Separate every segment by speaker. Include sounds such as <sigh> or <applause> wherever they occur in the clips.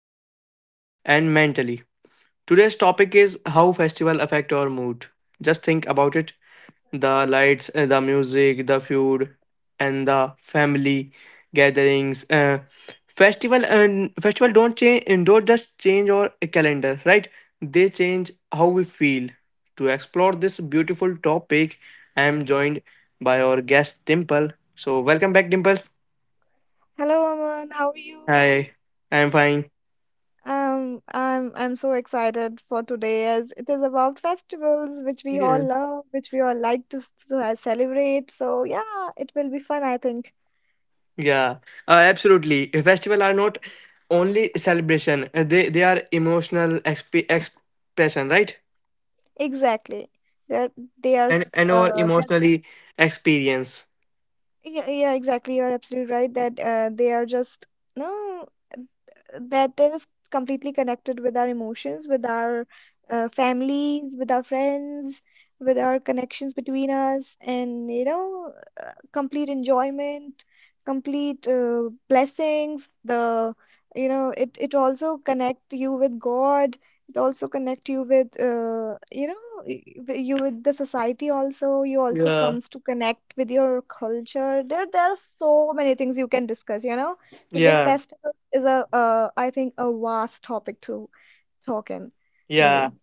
Speaker 1: culturally and mentally. Today's topic is how festival affect our mood. Just think about it. The lights, the music, the food, and the family gatherings. Festival and festival don't change don't just change our calendar, right? They change how we feel. To explore this beautiful topic, I am joined by our guest Dimple. So welcome back, Dimple.
Speaker 2: Hello, Aman. How are you?
Speaker 1: Hi, I am fine.
Speaker 2: I'm so excited for today as it is about festivals which we all love, which we all like to celebrate. So yeah, it will be fun, I think.
Speaker 1: Yeah, absolutely. Festival are not only celebration; they are emotional expression, right?
Speaker 2: Exactly. They're they are
Speaker 1: And
Speaker 2: s-
Speaker 1: our
Speaker 2: uh they are just
Speaker 1: emotionally experience.
Speaker 2: yeah, yeah, exactly. You're absolutely right that they are just no that is completely connected with our emotions, with our families, with our friends, with our connections between us, and you know complete enjoyment, complete blessings. The you know it it also connect you with God. It also connect you with you with the society also. You also comes to connect
Speaker 1: Yeah,
Speaker 2: with your culture. There are so many things you can discuss. You know, because festival is a
Speaker 1: yeah,
Speaker 2: I think a vast topic to talk in maybe.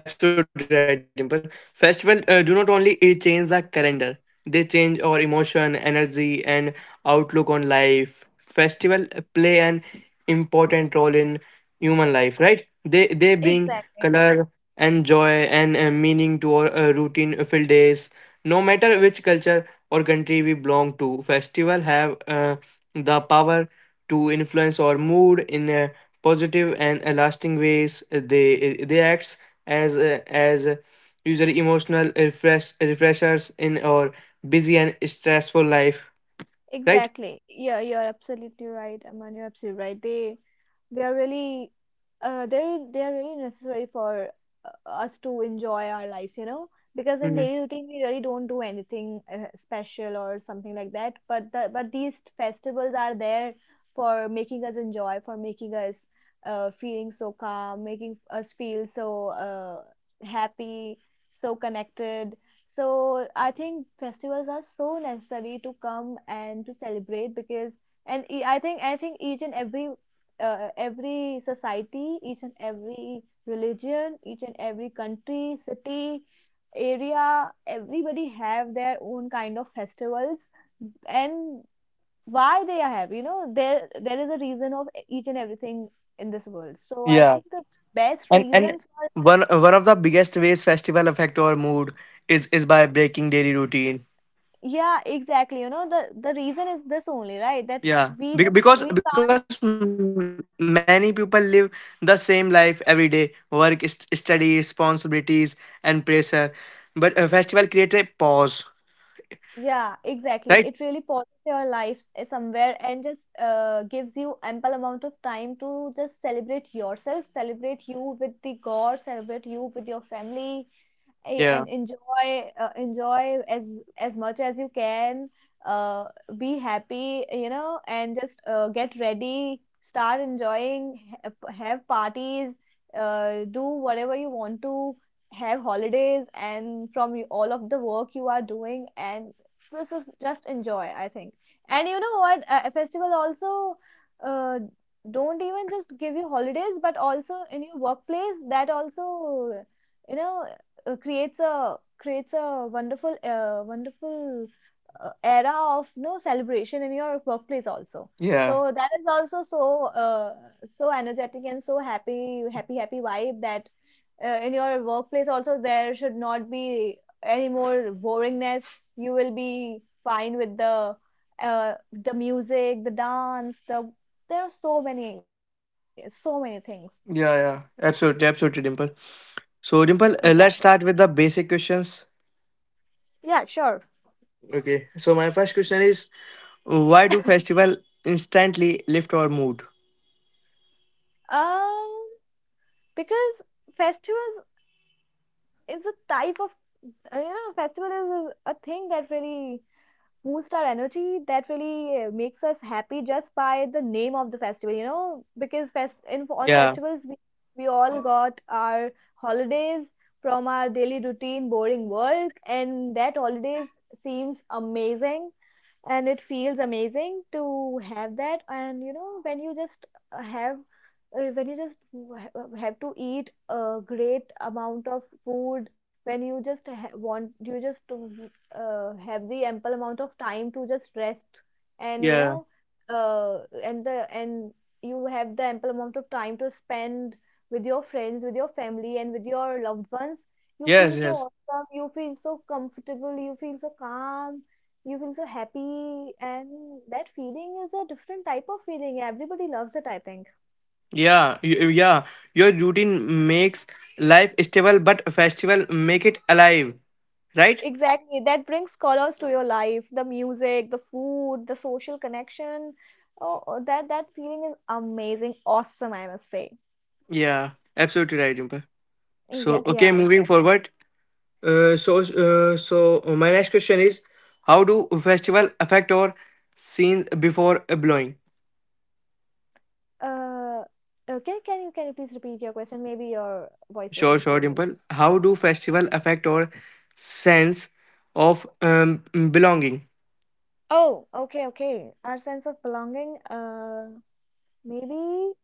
Speaker 1: yeah. Absolutely right, Dimple. Festival do not only change the calendar. They change our emotion, energy, and outlook on life. Festival play an important role in human life, right? They bring color and joy and meaning to our routine filled days. No matter which culture or country we belong to, festival have the power to influence our mood in a positive and lasting ways. They acts as user emotional refreshers in our busy and stressful life, right.
Speaker 2: Exactly. Yeah, you're absolutely right, Aman. You're absolutely right. They are really they are really necessary for us to enjoy our lives, you know, because in
Speaker 1: Mhm.
Speaker 2: daily routine we really don't do anything special or something like that, but these festivals are there for making us enjoy, for making us feeling so calm, making us feel so happy, so connected. So I think festivals are so necessary to come and to celebrate because and e- I think each and every society, each and every religion, each and every country, city, area, everybody have their own kind of festivals. And why they are have. You know, there is a reason of each and everything in this world. So I
Speaker 1: Yeah,
Speaker 2: think the best
Speaker 1: and
Speaker 2: reason for
Speaker 1: one of the biggest ways festival affect our mood is by breaking daily routine.
Speaker 2: yeah, exactly, you know, the reason is this only, right? That
Speaker 1: Yeah,
Speaker 2: we
Speaker 1: Be-
Speaker 2: just
Speaker 1: because
Speaker 2: we
Speaker 1: because m- many people live the same life every day, work, study, responsibilities, and pressure. But a festival creates a pause,
Speaker 2: yeah,
Speaker 1: right?
Speaker 2: exactly. It really pauses your life somewhere and just gives you ample amount of time to just celebrate yourself, celebrate you with the God, celebrate you with your family,
Speaker 1: Yeah,
Speaker 2: and enjoy enjoy as much as you can, uh, be happy, you know, and just get ready, start enjoying, have parties, do whatever you want to, have holidays and from all of the work you are doing, and this is just enjoy, I think. And you know what, a festival also uh, don't even just give you holidays, but also in your workplace that also, you know, creates a creates a wonderful wonderful era of no celebration in your workplace also.
Speaker 1: yeah,
Speaker 2: So that is also so so energetic and so happy, happy, happy vibe. That in your workplace also there should not be any more boringness. You will be fine with the music, the dance, the there are so many, so many things.
Speaker 1: yeah, yeah. Absolutely, absolutely, Dimple. So, Dimple,
Speaker 2: Exactly.
Speaker 1: let's start with the basic questions.
Speaker 2: Yeah, sure.
Speaker 1: Okay, so my first question is why do festival instantly lift our mood?
Speaker 2: um because festivals is a type of you know, festival is a thing that really boosts our energy, that really makes us happy just by the name of the festival, you know, because on
Speaker 1: Yeah,
Speaker 2: festivals we all got our holidays from our daily routine boring work, and that holidays seems amazing and it feels amazing to have that. And you know, when you just have when you just have to eat a great amount of food, when you just ha- want you just have the ample amount of time to just rest. And you
Speaker 1: yeah,
Speaker 2: know, and you have the ample amount of time to spend with your friends, with your family, and with your loved ones. You
Speaker 1: yes,
Speaker 2: feel so
Speaker 1: yes,
Speaker 2: awesome, you feel so comfortable, you feel so calm, you feel so happy, and that feeling is a different type of feeling. Everybody loves it, I think.
Speaker 1: yeah, yeah. Your routine makes life stable, but a festival make it alive, right?
Speaker 2: Exactly, that brings colors to your life. The music, the food, the social connection. Oh, oh, that feeling is amazing, awesome, I must say.
Speaker 1: Yeah, absolutely right, Jumper.
Speaker 2: Yeah,
Speaker 1: So okay,
Speaker 2: yeah,
Speaker 1: moving
Speaker 2: exactly.
Speaker 1: forward. So so my next question is how do festival affect our scenes before blowing?
Speaker 2: Uh, okay, can you please repeat your question? Maybe your voice was
Speaker 1: Sure,
Speaker 2: not
Speaker 1: sure,
Speaker 2: clear, maybe.
Speaker 1: Dimple. How do festival affect our sense of belonging?
Speaker 2: Oh, okay, okay. Our sense of belonging, maybe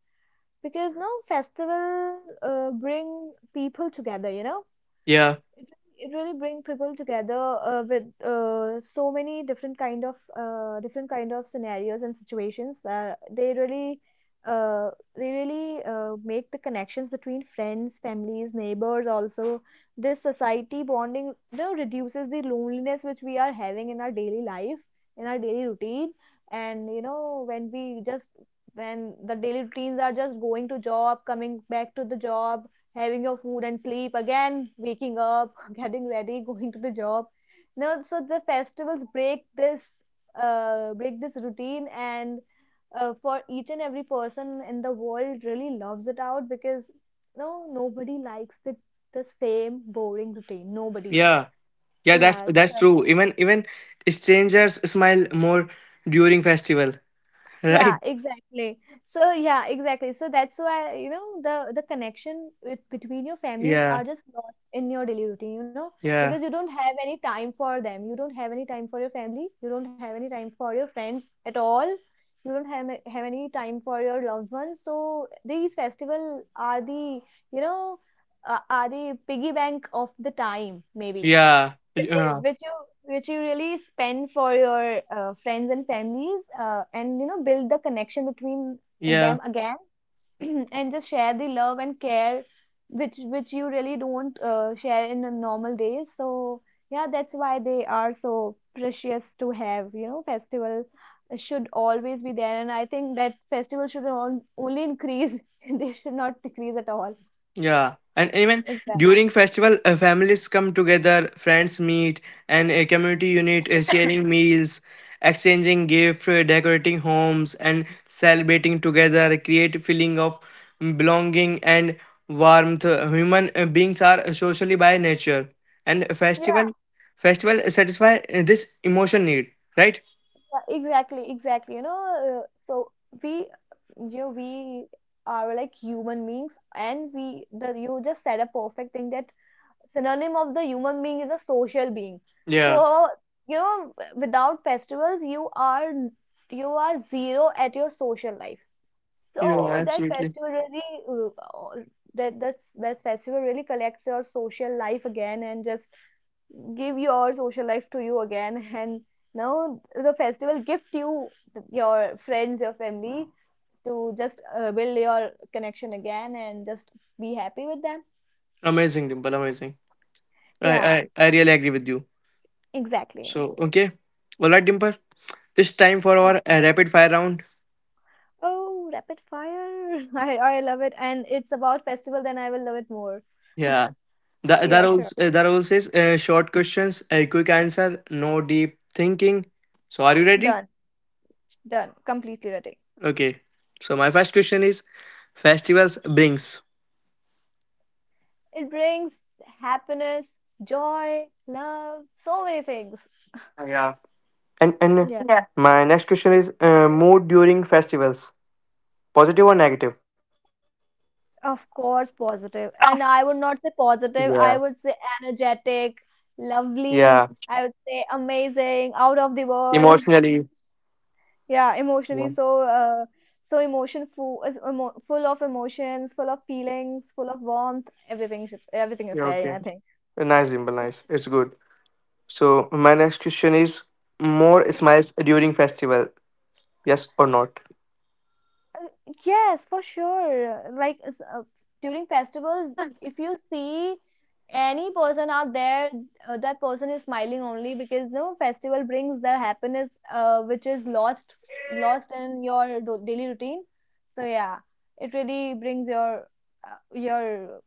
Speaker 2: because no festival bring people together, you know?
Speaker 1: Yeah,
Speaker 2: It really- it really bring people together with so many different kind of scenarios and situations that they really uh, make the connections between friends, families, neighbors. Also, this society bonding, you know, reduces the loneliness which we are having in our daily life, in our daily routine. And you know, when we just when the daily routines are just going to job, coming back to the job, having your food and sleep, again waking up <laughs> getting ready, going to the job. No, so the festivals break this routine, and for each and every person in the world really loves it out, because no, nobody likes the same boring routine, nobody.
Speaker 1: yeah, yeah. That's
Speaker 2: Yeah, it's
Speaker 1: that's true. Even even strangers smile more during festival, <laughs>
Speaker 2: yeah,
Speaker 1: right?
Speaker 2: exactly. So yeah, exactly. So that's why, you know, the connection with, between your families
Speaker 1: Yeah,
Speaker 2: are just lost in your daily routine, you know,
Speaker 1: yeah,
Speaker 2: because you don't have any time for them. You don't have any time for your family. You don't have any time for your friends at all. You don't have have any time for your loved ones. So these festival are the, you know, are the piggy bank of the time, maybe
Speaker 1: yeah,
Speaker 2: wh- eh,
Speaker 1: yeah,
Speaker 2: which you which you really spend for your friends and families, and you know build the connection between
Speaker 1: yeah.
Speaker 2: them again <clears throat> and just share the love and care, which you really don't share in the normal days. So yeah, that's why they are so precious to have, you know. Festival should always be there, and I think that festival should only increase <laughs> they should not decrease at all.
Speaker 1: Yeah, and even
Speaker 2: Exactly.
Speaker 1: during festival, families come together, friends meet, and a community unit sharing meals, exchanging gifts, decorating homes, and celebrating together create a feeling of belonging and warmth. Human beings are socially by nature, and festival satisfy this emotion need, right?
Speaker 2: Exactly, exactly. You know, so we, you know, we are like human beings, and we, the you just said a perfect thing that synonym of the human being is a social being.
Speaker 1: Yeah,
Speaker 2: So, you know, without festivals, you are you are zero at your social life.
Speaker 1: yeah,
Speaker 2: So that
Speaker 1: absolutely.
Speaker 2: festival really, uh, uh, that that festival really collects your social life again and just give your social life to you again. And now the festival gift you your friends, your family to just build your connection again and just be happy with them.
Speaker 1: Amazing, Dimple, amazing.
Speaker 2: Yeah,
Speaker 1: I really agree with you.
Speaker 2: exactly.
Speaker 1: So okay, all right, Dimple. It's time for our
Speaker 2: All right.
Speaker 1: rapid fire round.
Speaker 2: Oh, rapid fire <laughs> I love it, and it's about festival, then I will love it more.
Speaker 1: Yeah. The, the
Speaker 2: Yeah, sure.
Speaker 1: rules uh, the rules is short questions, a quick answer, no deep thinking. So are you ready?
Speaker 2: Done, done, completely ready.
Speaker 1: Okay. So my first question is festivals brings.
Speaker 2: It brings happiness, joy, love, so many things.
Speaker 1: Yeah. And
Speaker 2: Yeah.
Speaker 1: yeah. My next question is mood during festivals. Positive or negative?
Speaker 2: Of course, positive. And I would not say
Speaker 1: Yeah.
Speaker 2: positive, I would say energetic,
Speaker 1: Yeah.
Speaker 2: lovely, I would say amazing, out of the world. <laughs>
Speaker 1: Emotionally.
Speaker 2: Yeah,
Speaker 1: Yeah.
Speaker 2: emotionally so so emotion full is emo full of emotions, full of feelings, full of warmth. Everything is
Speaker 1: Yeah,
Speaker 2: there,
Speaker 1: okay.
Speaker 2: I think.
Speaker 1: Nice, Dimple. Nice. It's good. So my next question is more smiles during festival. Yes or not?
Speaker 2: Yes, for sure. Like during festivals, if you see any person out there, that person is smiling only because no festival brings the happiness which is lost, lost in your do daily routine. So yeah, it really brings your uh, your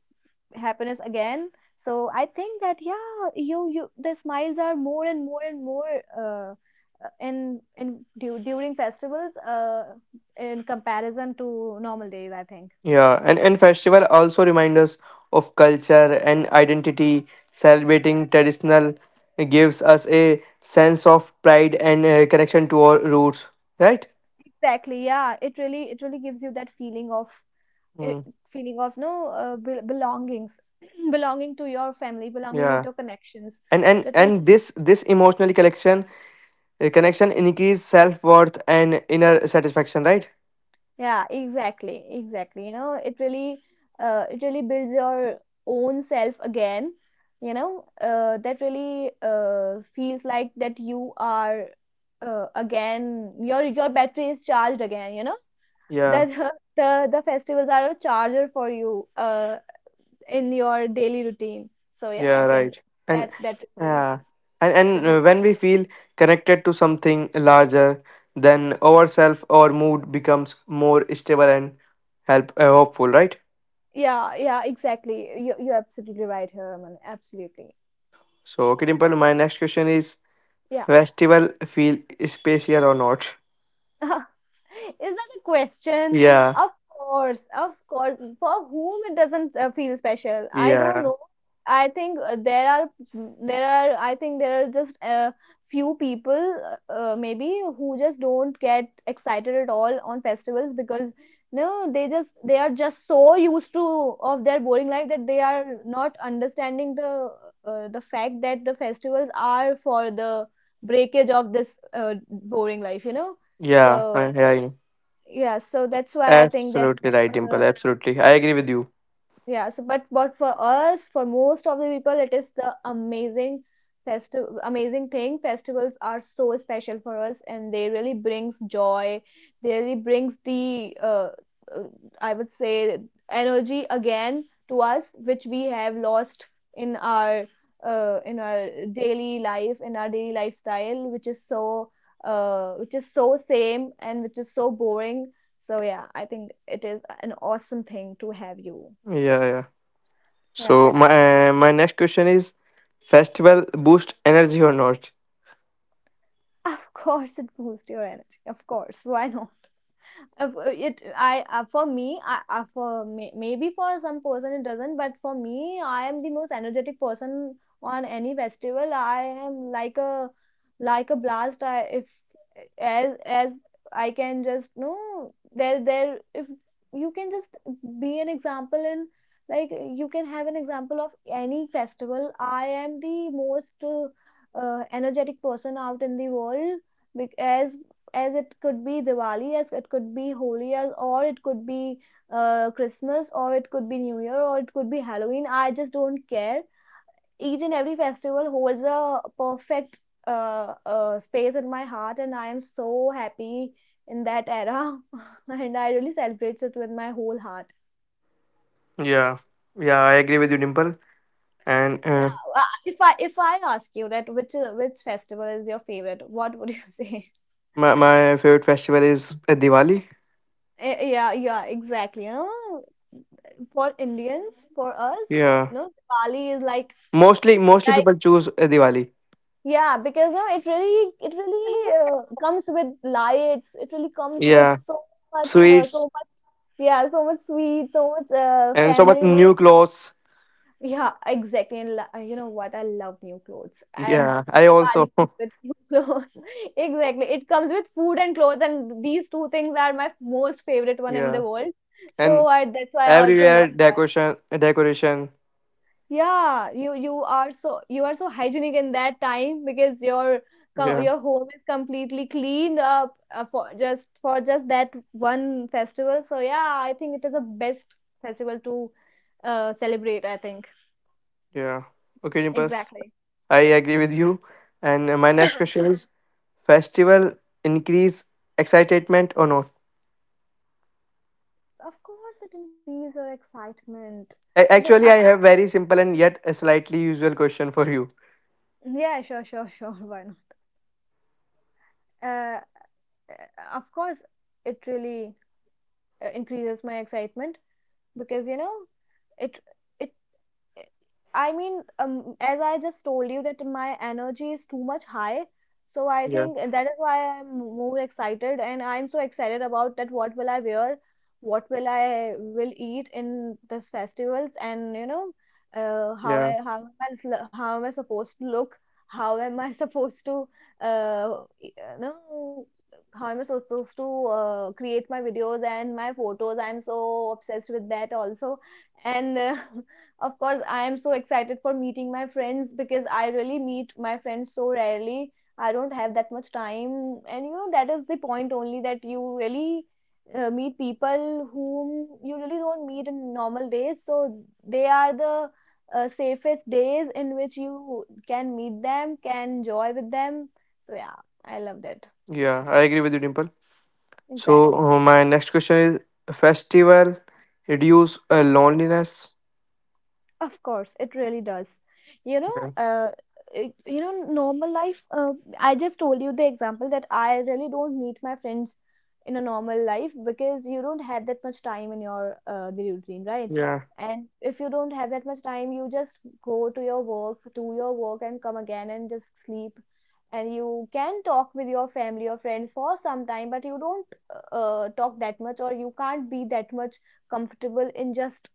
Speaker 2: happiness again. So I think that yeah, you the smiles are more and more and more, during festivals in comparison to normal days, I think.
Speaker 1: Yeah, and festival also remind us of culture and identity. Celebrating traditional gives us a sense of pride and connection to our roots, right?
Speaker 2: Exactly. Yeah, it really, it really gives you that feeling of it,
Speaker 1: Mm,
Speaker 2: feeling of no belongings <clears throat> belonging to your family, belonging
Speaker 1: yeah,
Speaker 2: to your connections, that really
Speaker 1: and this emotional connection connection increase self worth and inner satisfaction, right?
Speaker 2: yeah, exactly, exactly. You know, it really builds your own self again. You know, that really feels like that you are again your battery is charged again. You know
Speaker 1: Yeah.
Speaker 2: that <laughs> the festivals are a charger for you in your daily routine. So yeah,
Speaker 1: Yeah,
Speaker 2: I think
Speaker 1: right. And
Speaker 2: that that really,
Speaker 1: yeah, and
Speaker 2: that really
Speaker 1: when we feel connected to something larger than ourselves, our mood becomes more stable and help hopeful, right?
Speaker 2: yeah, yeah, exactly. You you're absolutely right here, Aman. Absolutely.
Speaker 1: So, okay, Dimple, my next question is:
Speaker 2: Yeah.
Speaker 1: Festival feel special or not?
Speaker 2: <laughs> Is that a question?
Speaker 1: Yeah,
Speaker 2: Of course, of course. For whom it doesn't feel special? I don't
Speaker 1: yeah,
Speaker 2: know. I think there are I think there are just a few people, maybe, who just don't get excited at all on festivals, because no, they just they are just so used to of their boring life that they are not understanding the fact that the festivals are for the breakage of this uh, boring life, you know.
Speaker 1: yeah.
Speaker 2: So
Speaker 1: Yeah, I know.
Speaker 2: yeah, so that's why I think that
Speaker 1: Absolutely right,
Speaker 2: uh,
Speaker 1: Dimple. Absolutely, I agree with you.
Speaker 2: yeah, so but for us, for most of the people, it is the amazing festival, amazing thing. Festivals are so special for us, and they really brings joy. They really brings the uh, I would say energy again to us, which we have lost in our daily life, in our daily lifestyle, which is so same and which is so boring. So yeah, I think it is an awesome thing to have you.
Speaker 1: Yeah, yeah.
Speaker 2: Yeah,
Speaker 1: So my next question is: Festival boost energy or not?
Speaker 2: of course it boosts your energy. Of course, why not? For it I for me I, for may, maybe for some person it doesn't, but for me I am the most energetic person on any festival. I am like a blast. I, if as as I can just no there there if you can just be an example in like you can have an example of any festival. I am the most energetic person out in the world, because as it could be Diwali, as it could be Holi, as or it could be Christmas, or it could be New Year, or it could be Halloween. I just don't care. Each and every festival holds a perfect space in my heart, and I am so happy in that era, <laughs> and I really celebrate it with my whole heart.
Speaker 1: Yeah, yeah, I agree with you, Dimple. And
Speaker 2: Yeah, if I ask you that which festival is your favorite, what would you <laughs> say?
Speaker 1: my my favorite festival is Diwali.
Speaker 2: Yeah, yeah, exactly. You know, for Indians, for us, you
Speaker 1: Yeah,
Speaker 2: know, Diwali is like
Speaker 1: mostly mostly
Speaker 2: like
Speaker 1: people choose Diwali.
Speaker 2: yeah, because no, it really comes with lights. It really comes with
Speaker 1: Yeah,
Speaker 2: so much, so
Speaker 1: sweets
Speaker 2: much, yeah, so much sweet, so much
Speaker 1: and so much
Speaker 2: family.
Speaker 1: new clothes.
Speaker 2: Yeah, exactly. You know what? I love new clothes, and
Speaker 1: Yeah, I also.
Speaker 2: Diwali comes with new <laughs> clothes. Exactly, it comes with food and clothes, and these two things are my most favorite
Speaker 1: <laughs>
Speaker 2: one in the
Speaker 1: Yeah,
Speaker 2: world. So
Speaker 1: and
Speaker 2: I that's why I also love
Speaker 1: everywhere
Speaker 2: Diwali.
Speaker 1: decoration, decoration.
Speaker 2: Yeah, you are so hygienic in that time because your
Speaker 1: Yeah,
Speaker 2: your home is completely cleaned up for just that one festival. So yeah, I think it is the best festival to celebrate, I think.
Speaker 1: yeah. Okay, Dimple,
Speaker 2: Exactly.
Speaker 1: I agree with you. And my next question is: Festival increase excitement or not?
Speaker 2: Of course, it increases your excitement. The
Speaker 1: Actually,
Speaker 2: I,
Speaker 1: I have very simple and yet a slightly usual question for you.
Speaker 2: yeah, sure, sure, <laughs> sure. Why not? Uh, of course, it really increases my excitement, because you know it. It I mean, as I just told you that my energy is too much high, so I think that is why I'm more excited, and I'm so excited about that. What will I wear? What will I will eat in this festivals? And you know,
Speaker 1: Yeah,
Speaker 2: how am I supposed to look? How am I <laughs> supposed to e- no, how am I supposed to create my videos and my photos? I'm so obsessed with that also, and. <laughs> Of course, I am so excited for meeting my friends because I really meet my friends so rarely. I don't have that much time. And you know, that is the point only that you really meet people whom you really don't meet in normal days. So they are the safest days in which you can meet them, can enjoy with them. So yeah, I loved it.
Speaker 1: yeah, I agree with you, Dimple. So
Speaker 2: Exactly.
Speaker 1: my next question is: festival reduce loneliness?
Speaker 2: Of course, it really does. You know,
Speaker 1: Yeah,
Speaker 2: uh, it- you know, normal life. I just told you the example that I really don't meet my friends in a normal life, because you don't have that much time in your daily routine, right?
Speaker 1: yeah,
Speaker 2: And if you don't have that much time, you just go to your work, do your work, and come again and just sleep. And you can talk with your family or friends for some time, but you don't talk that much, or you can't be that much comfortable in just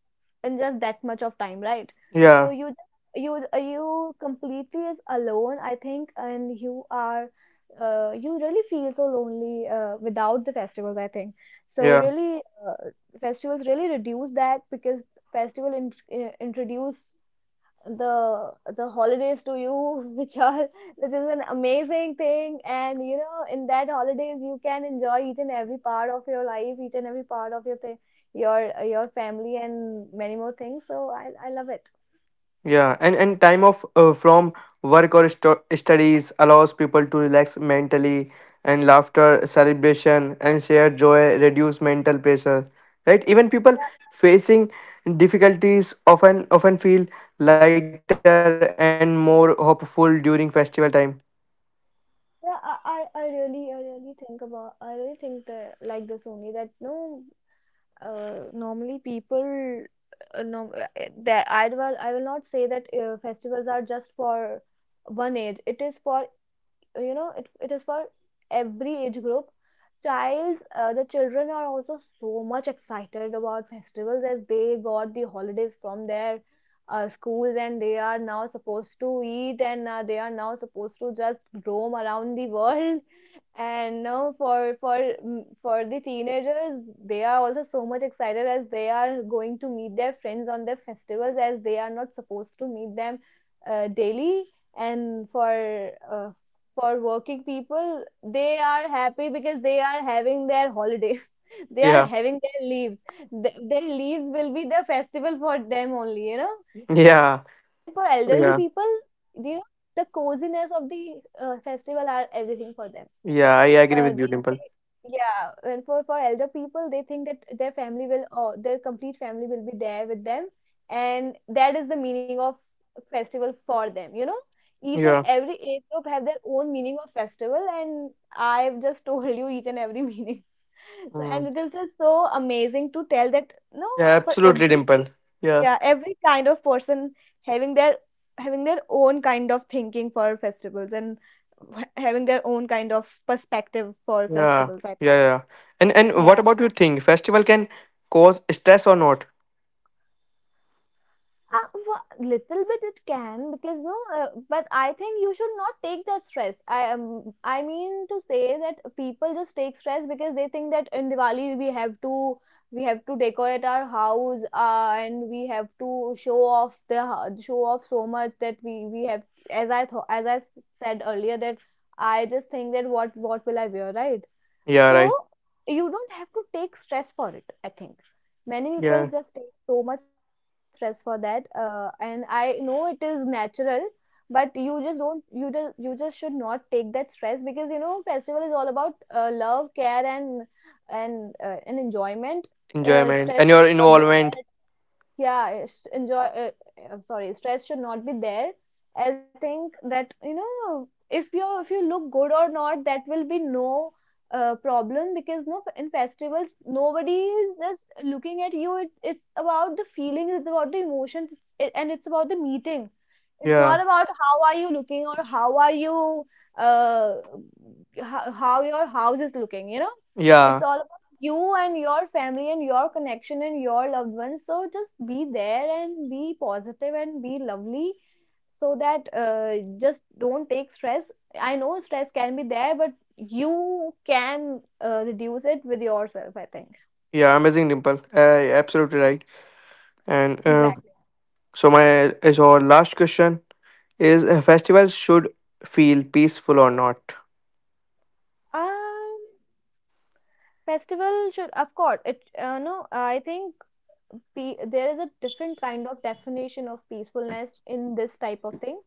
Speaker 2: in just that much of time, right? So
Speaker 1: yeah,
Speaker 2: you completely is alone, I think, and you really feel so lonely without the festivals, I think. So
Speaker 1: yeah,
Speaker 2: really, uh, festivals really reduce that, because festival in, introduce the holidays to you <laughs> which are which is an amazing thing. And you know, in that holidays you can enjoy each and every part of your life, each and every part of your thing, your family, and many more things. So I love it.
Speaker 1: yeah. And time off from work or studies allows people to relax mentally, and laughter, celebration, and shared joy reduce mental pressure. Right? Even people facing difficulties often feel lighter and more hopeful during festival time.
Speaker 2: Yeah, I really think that like this only, that no, normally people, no that I will not say that festivals are just for one age. It is for, you know, it is for every age group. Childs The children are also so much excited about festivals, as they got the holidays from their schools, and they are now supposed to eat, and they are now supposed to just roam around the world. And now, for the teenagers, they are also so much excited, as they are going to meet their friends on their festivals, as they are not supposed to meet them daily. And for working people, they are happy because they are having their holidays. <laughs> They are
Speaker 1: Yeah,
Speaker 2: having their leaves. Their leaves will be the festival for them only, you know.
Speaker 1: yeah,
Speaker 2: And for elderly
Speaker 1: yeah.
Speaker 2: people, you know, the coziness of the festival are everything for them.
Speaker 1: Yeah, I agree with you, Dimple.
Speaker 2: They Yeah, and for elder people, they think that their family will, or their complete family will be there with them, and that is the meaning of festival for them, you know. Each and
Speaker 1: Yeah.
Speaker 2: every age group have their own meaning of festival, and I've just <laughs> told you each and every meaning. <laughs> so and
Speaker 1: Mm.
Speaker 2: It is just so amazing to tell that, no,
Speaker 1: Yeah,
Speaker 2: for
Speaker 1: absolutely,
Speaker 2: every
Speaker 1: Dimple. Yeah.
Speaker 2: yeah, every kind of person having their, having their own kind of thinking for festivals, and having their own kind of perspective for
Speaker 1: Yeah.
Speaker 2: festivals, I think.
Speaker 1: Yeah, yeah. And what
Speaker 2: Yeah.
Speaker 1: about you think festival can cause stress or not?
Speaker 2: Little bit it can, because no, but I think you should not take that stress. I mean to say that people just take stress because they think that in Diwali we have to decorate our house, and we have to show off so much that we have, as said earlier, that I just think that what will I wear, right?
Speaker 1: Yeah,
Speaker 2: So
Speaker 1: right.
Speaker 2: you don't have to take stress for it. I think many
Speaker 1: Yeah.
Speaker 2: people just take so much stress for that, and I know it is natural, but you just don't you just should not take that stress, because you know festival is all about love, care, and and enjoyment.
Speaker 1: Enjoyment
Speaker 2: Stress
Speaker 1: and
Speaker 2: should
Speaker 1: your
Speaker 2: not be.
Speaker 1: involvement.
Speaker 2: Yeah, it's enjoy. Am sorry, stress should not be there, as I think that, you know, if you look good or not, that will be no problem, because no, in festivals, nobody is just looking at you. It's about the feeling, it's about the emotions, and it's about the meeting. It's
Speaker 1: Yeah.
Speaker 2: not about how are you looking, or how are uh, how your house is looking, you know. It's
Speaker 1: Yeah.
Speaker 2: all you, and your family, and your connection, and your loved ones. So just be there, and be positive, and be lovely, so that just don't take stress. I know stress can be there, but you can reduce it with yourself, I think.
Speaker 1: Yeah, amazing, Dimple. Absolutely right. And
Speaker 2: Exactly.
Speaker 1: so our last question is festivals should feel peaceful or not?
Speaker 2: Um, Festival should, of course, it, no, I think there is a different kind of definition of peacefulness in this type of thing.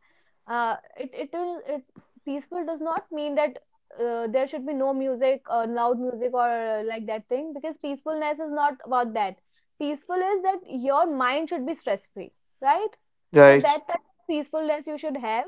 Speaker 2: It it will it Peaceful does not mean that there should be no music, or loud music, or like that thing, because peacefulness is not about that. Peaceful is that your mind should be stress free, right? So
Speaker 1: Right.
Speaker 2: that type of peacefulness you should have.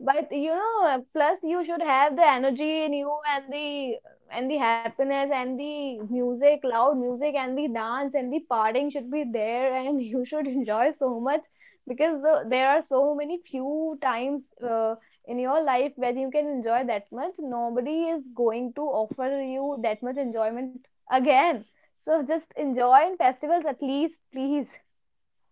Speaker 2: But you know, plus you should have the energy in you, and the happiness, and the music, loud music, and the dance, and the partying should be there, and <laughs> you should enjoy so much, because there are so many few times uh, in your life where you can enjoy that much. Nobody is going to offer you that much enjoyment again. So just enjoy in festivals at least, please.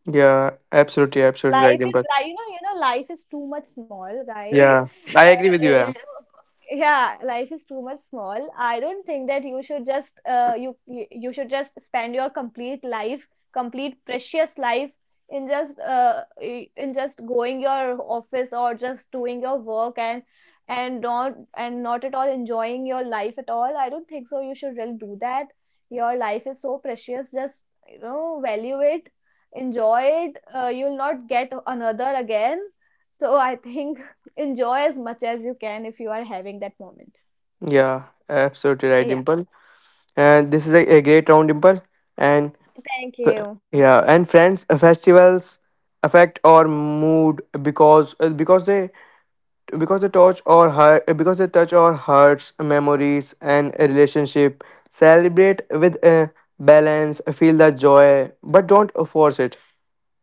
Speaker 1: Yeah, absolutely,
Speaker 2: <laughs>
Speaker 1: absolutely right,
Speaker 2: Life is
Speaker 1: Dimple.
Speaker 2: like, you know, life is too much small, guys.
Speaker 1: Yeah. I agree with you. Yeah.
Speaker 2: So yeah, life is too much small. I don't think that you should just you you you should just spend your complete life, complete precious life, in in just going your office, or just doing your work, and not, and not at all enjoying your life at all. I don't think so you should really do that. Your life is so precious, just, you know, value it, enjoy it. You'll not get another again, so I think enjoy as much as you can if you are having that moment.
Speaker 1: Yeah, absolutely right,
Speaker 2: Yeah.
Speaker 1: Dimple. And this is a great round, Dimple. And
Speaker 2: Thank
Speaker 1: f-
Speaker 2: you.
Speaker 1: yeah, and friends, festivals affect our mood because they touch our hearts, memories, and a relationship. Celebrate with balance, feel the joy, but don't force it.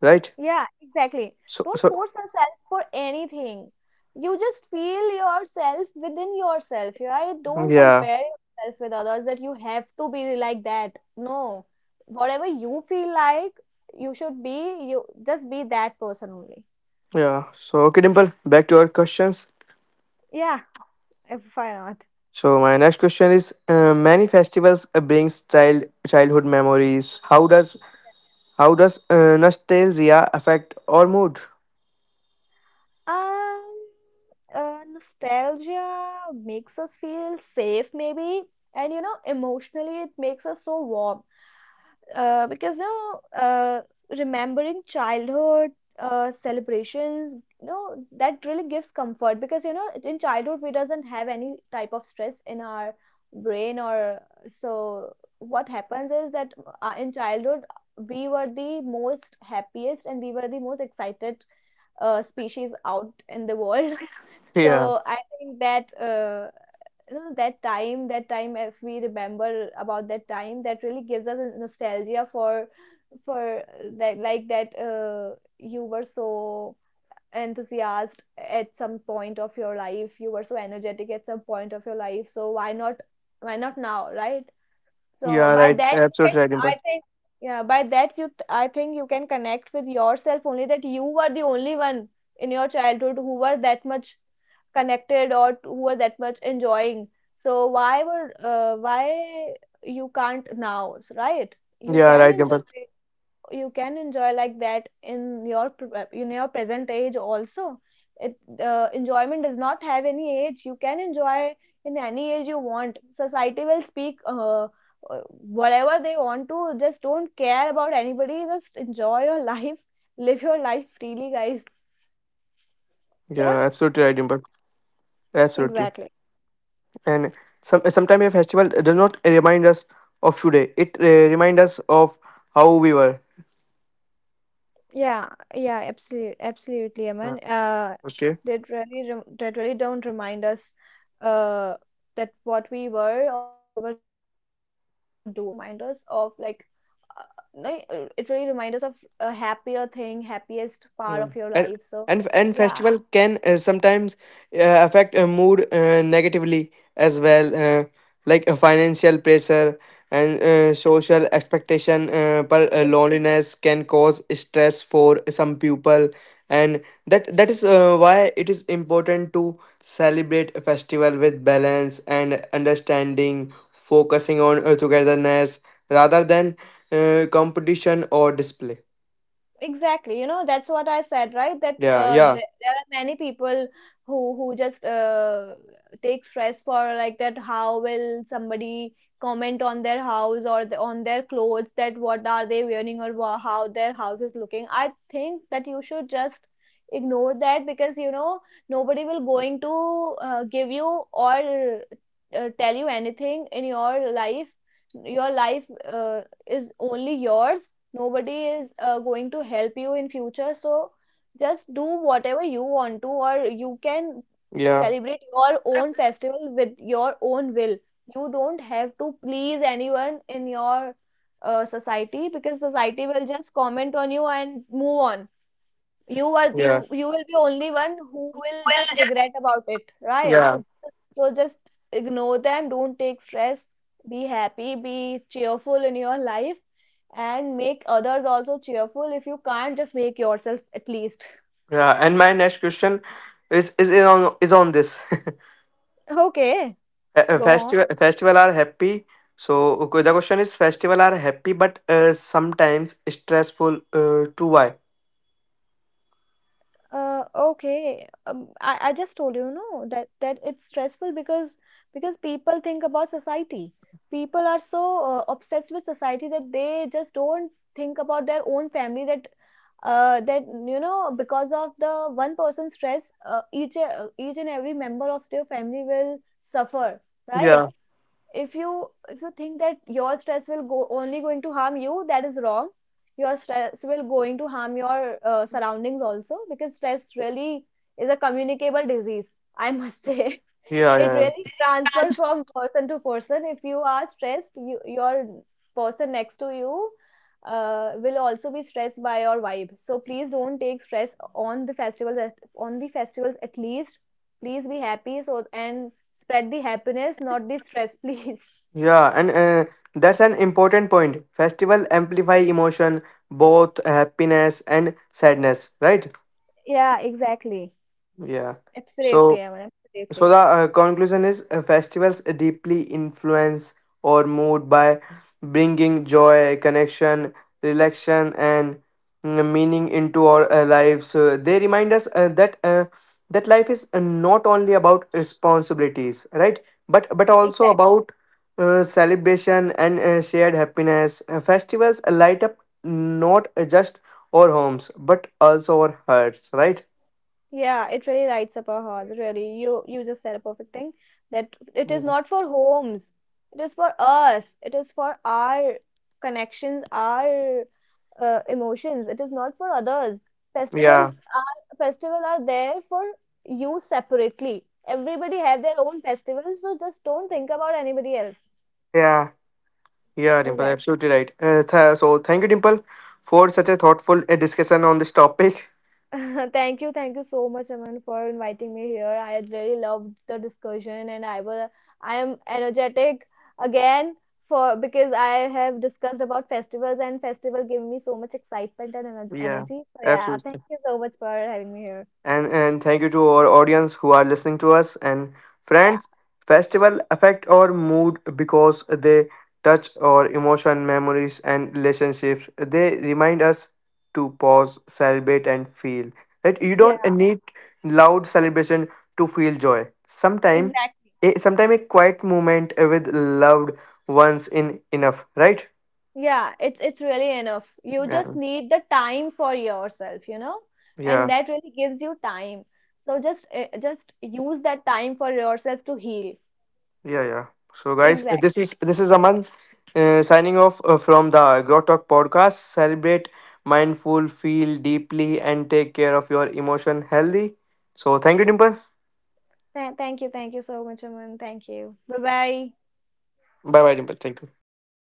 Speaker 1: Right?
Speaker 2: Yeah, exactly.
Speaker 1: So
Speaker 2: Don't
Speaker 1: so
Speaker 2: force yourself for anything. You just feel yourself within yourself, right? Don't
Speaker 1: yeah
Speaker 2: compare yourself with others that you have to be like that. No. Whatever you feel like, you should be, you just be that person only.
Speaker 1: yeah. So okay, Dimple. Back to our questions.
Speaker 2: Yeah, if I not?
Speaker 1: So my next question is: Many festivals brings child childhood memories. How does nostalgia affect our mood? <laughs>
Speaker 2: Um, Nostalgia makes us feel safe, maybe, and you know, emotionally, it makes us so warm. Because you know, remembering childhood celebrations, you know, that really gives comfort. Because you know, in childhood, we doesn't have any type of stress in our brain, or so what happens is that in childhood, we were the most happiest and we were the most excited species out in the world. <laughs>
Speaker 1: Yeah,
Speaker 2: So I think that you know, that time, if we remember about that time, that really gives us a nostalgia for that like that you were so enthusiastic at some point of your life, you were so energetic at some point of your life. So why not now, right? So
Speaker 1: yeah,
Speaker 2: by
Speaker 1: right.
Speaker 2: that you can,
Speaker 1: Absolutely right, Dimple.
Speaker 2: I think, yeah, by that you, I think you can connect with yourself only that you were the only one in your childhood who was that much connected or who was that much enjoying. So why were, why you can't now, right? You
Speaker 1: Yeah,
Speaker 2: can
Speaker 1: right,
Speaker 2: enjoy
Speaker 1: Dimple.
Speaker 2: you can enjoy like that in your in your present age also it enjoyment does not have any age. You can enjoy in any age you want. Society will speak, uh, whatever they want to. Just don't care about anybody, just enjoy your <laughs> life, live your life freely, guys.
Speaker 1: Yeah, absolutely right,
Speaker 2: Yeah,
Speaker 1: Dimple. Absolutely.
Speaker 2: exactly.
Speaker 1: And some sometimes a festival does not remind us of today. It reminds us of how we were.
Speaker 2: Yeah, yeah, absolutely, absolutely,
Speaker 1: Uh,
Speaker 2: Aman.
Speaker 1: okay.
Speaker 2: That really, that really don't remind us, uh, that what we were or what we were doing. It really remind us of like, it really remind us of a happier thing, happiest part of your
Speaker 1: Mm.
Speaker 2: life.
Speaker 1: And
Speaker 2: So, yeah.
Speaker 1: festival can sometimes affect a mood negatively as well, like a financial pressure and social expectation. But loneliness can cause stress for some people, and that is why it is important to celebrate a festival with balance and understanding, focusing on togetherness rather than competition or display.
Speaker 2: Exactly, you know, that's what I said, right? That
Speaker 1: Yeah,
Speaker 2: th
Speaker 1: yeah,
Speaker 2: there are many people who who just take stress for like that. How will somebody comment on their house or the, on their clothes? That what are they wearing or how their house is looking? I think that you should just ignore that, because you know nobody will going to give you or tell you anything in your life. Your life uh, is only yours. Nobody is going to help you in future, so just do whatever you want to or you can.
Speaker 1: yeah,
Speaker 2: Celebrate your own festival with your own will. You don't have to please anyone in your society, because society will just comment on you and move on. You are
Speaker 1: yeah,
Speaker 2: you, you will be only one who will just regret about it, right?
Speaker 1: yeah,
Speaker 2: So just ignore them, don't take stress, be happy, be cheerful in your life, and make others also cheerful. If you can't, just make yourself at least.
Speaker 1: yeah. And my next question is on this. <laughs>
Speaker 2: Okay,
Speaker 1: A- a
Speaker 2: go on.
Speaker 1: festival Festival are happy. So okay, the question is festival are happy but sometimes stressful to Why?
Speaker 2: Okay, I just told you no that that it's stressful because people think about society. People are so obsessed with society that they just don't think about their own family. That that you know, because of the one person's stress, each and every member of their family will suffer,
Speaker 1: Yeah,
Speaker 2: right? If you if you think that your stress will go only going to harm you, that is wrong. Your stress will going to harm your surroundings also, because stress really is a communicable disease, <laughs> I must say. <laughs>
Speaker 1: yeah,
Speaker 2: It
Speaker 1: yeah.
Speaker 2: really
Speaker 1: Yeah.
Speaker 2: transfers from person to person. If you are stressed, you, your person next to you will also be stressed by your vibe. So please don't take stress on the on the festivals at least. Please be happy, so and spread the happiness, not the stress, please. <laughs>
Speaker 1: Yeah, and that's an important point. Festival amplify emotion, both happiness and sadness, right?
Speaker 2: Yeah, exactly.
Speaker 1: Yeah.
Speaker 2: Absolutely,
Speaker 1: So
Speaker 2: Aman.
Speaker 1: so
Speaker 2: Absolutely.
Speaker 1: the conclusion is festivals deeply influence or mood by bringing joy, connection, relaxation, and meaning into our lives. They remind us that life is not only about responsibilities, right? But also
Speaker 2: Exactly.
Speaker 1: about celebration and shared happiness. Festivals light up not just our homes but also our hearts, right?
Speaker 2: Yeah, it really rides up our hearts, really. You just said a perfect thing, that it is
Speaker 1: Yeah.
Speaker 2: not for homes. It is for us. It is for our connections, our emotions. It is not for others. Festivals
Speaker 1: Yeah.
Speaker 2: festival are there for you separately. Everybody have their own festivals, so just don't think about anybody else.
Speaker 1: Yeah. Yeah, Dimple,
Speaker 2: Exactly.
Speaker 1: absolutely right. So thank you, Dimple, for such a thoughtful discussion on this topic.
Speaker 2: <laughs> Thank you so much, Aman, for inviting me here. I had really loved the discussion, and I will, I am energetic again for because I have discussed about festivals, and festival gave me so much excitement and
Speaker 1: Yeah,
Speaker 2: energy. So yeah, thank
Speaker 1: absolutely.
Speaker 2: you so much for having me here.
Speaker 1: And thank you to our audience who are listening to us and
Speaker 2: Yeah,
Speaker 1: friends, festival affect our mood because they touch our emotion, memories, and relationships. They remind us to pause, celebrate, and feel right. You don't
Speaker 2: yeah,
Speaker 1: need loud celebration to feel joy. sometime
Speaker 2: exactly.
Speaker 1: sometime a quiet moment with loved ones in enough, right?
Speaker 2: Yeah, it's really enough. You just
Speaker 1: Yeah,
Speaker 2: need the time for yourself, you know, and
Speaker 1: yeah.
Speaker 2: that really gives you time. So just use that time for yourself to heal.
Speaker 1: Yeah, yeah. So, guys,
Speaker 2: Exactly.
Speaker 1: this is Aman signing off from the Agro Talk podcast. Celebrate mindful, feel deeply, and take care of your emotion healthy. So, thank you, Dimple.
Speaker 2: Thank you. Thank you so much, Aman. Thank you. Bye bye.
Speaker 1: Bye, bye, Dimple. Thank you.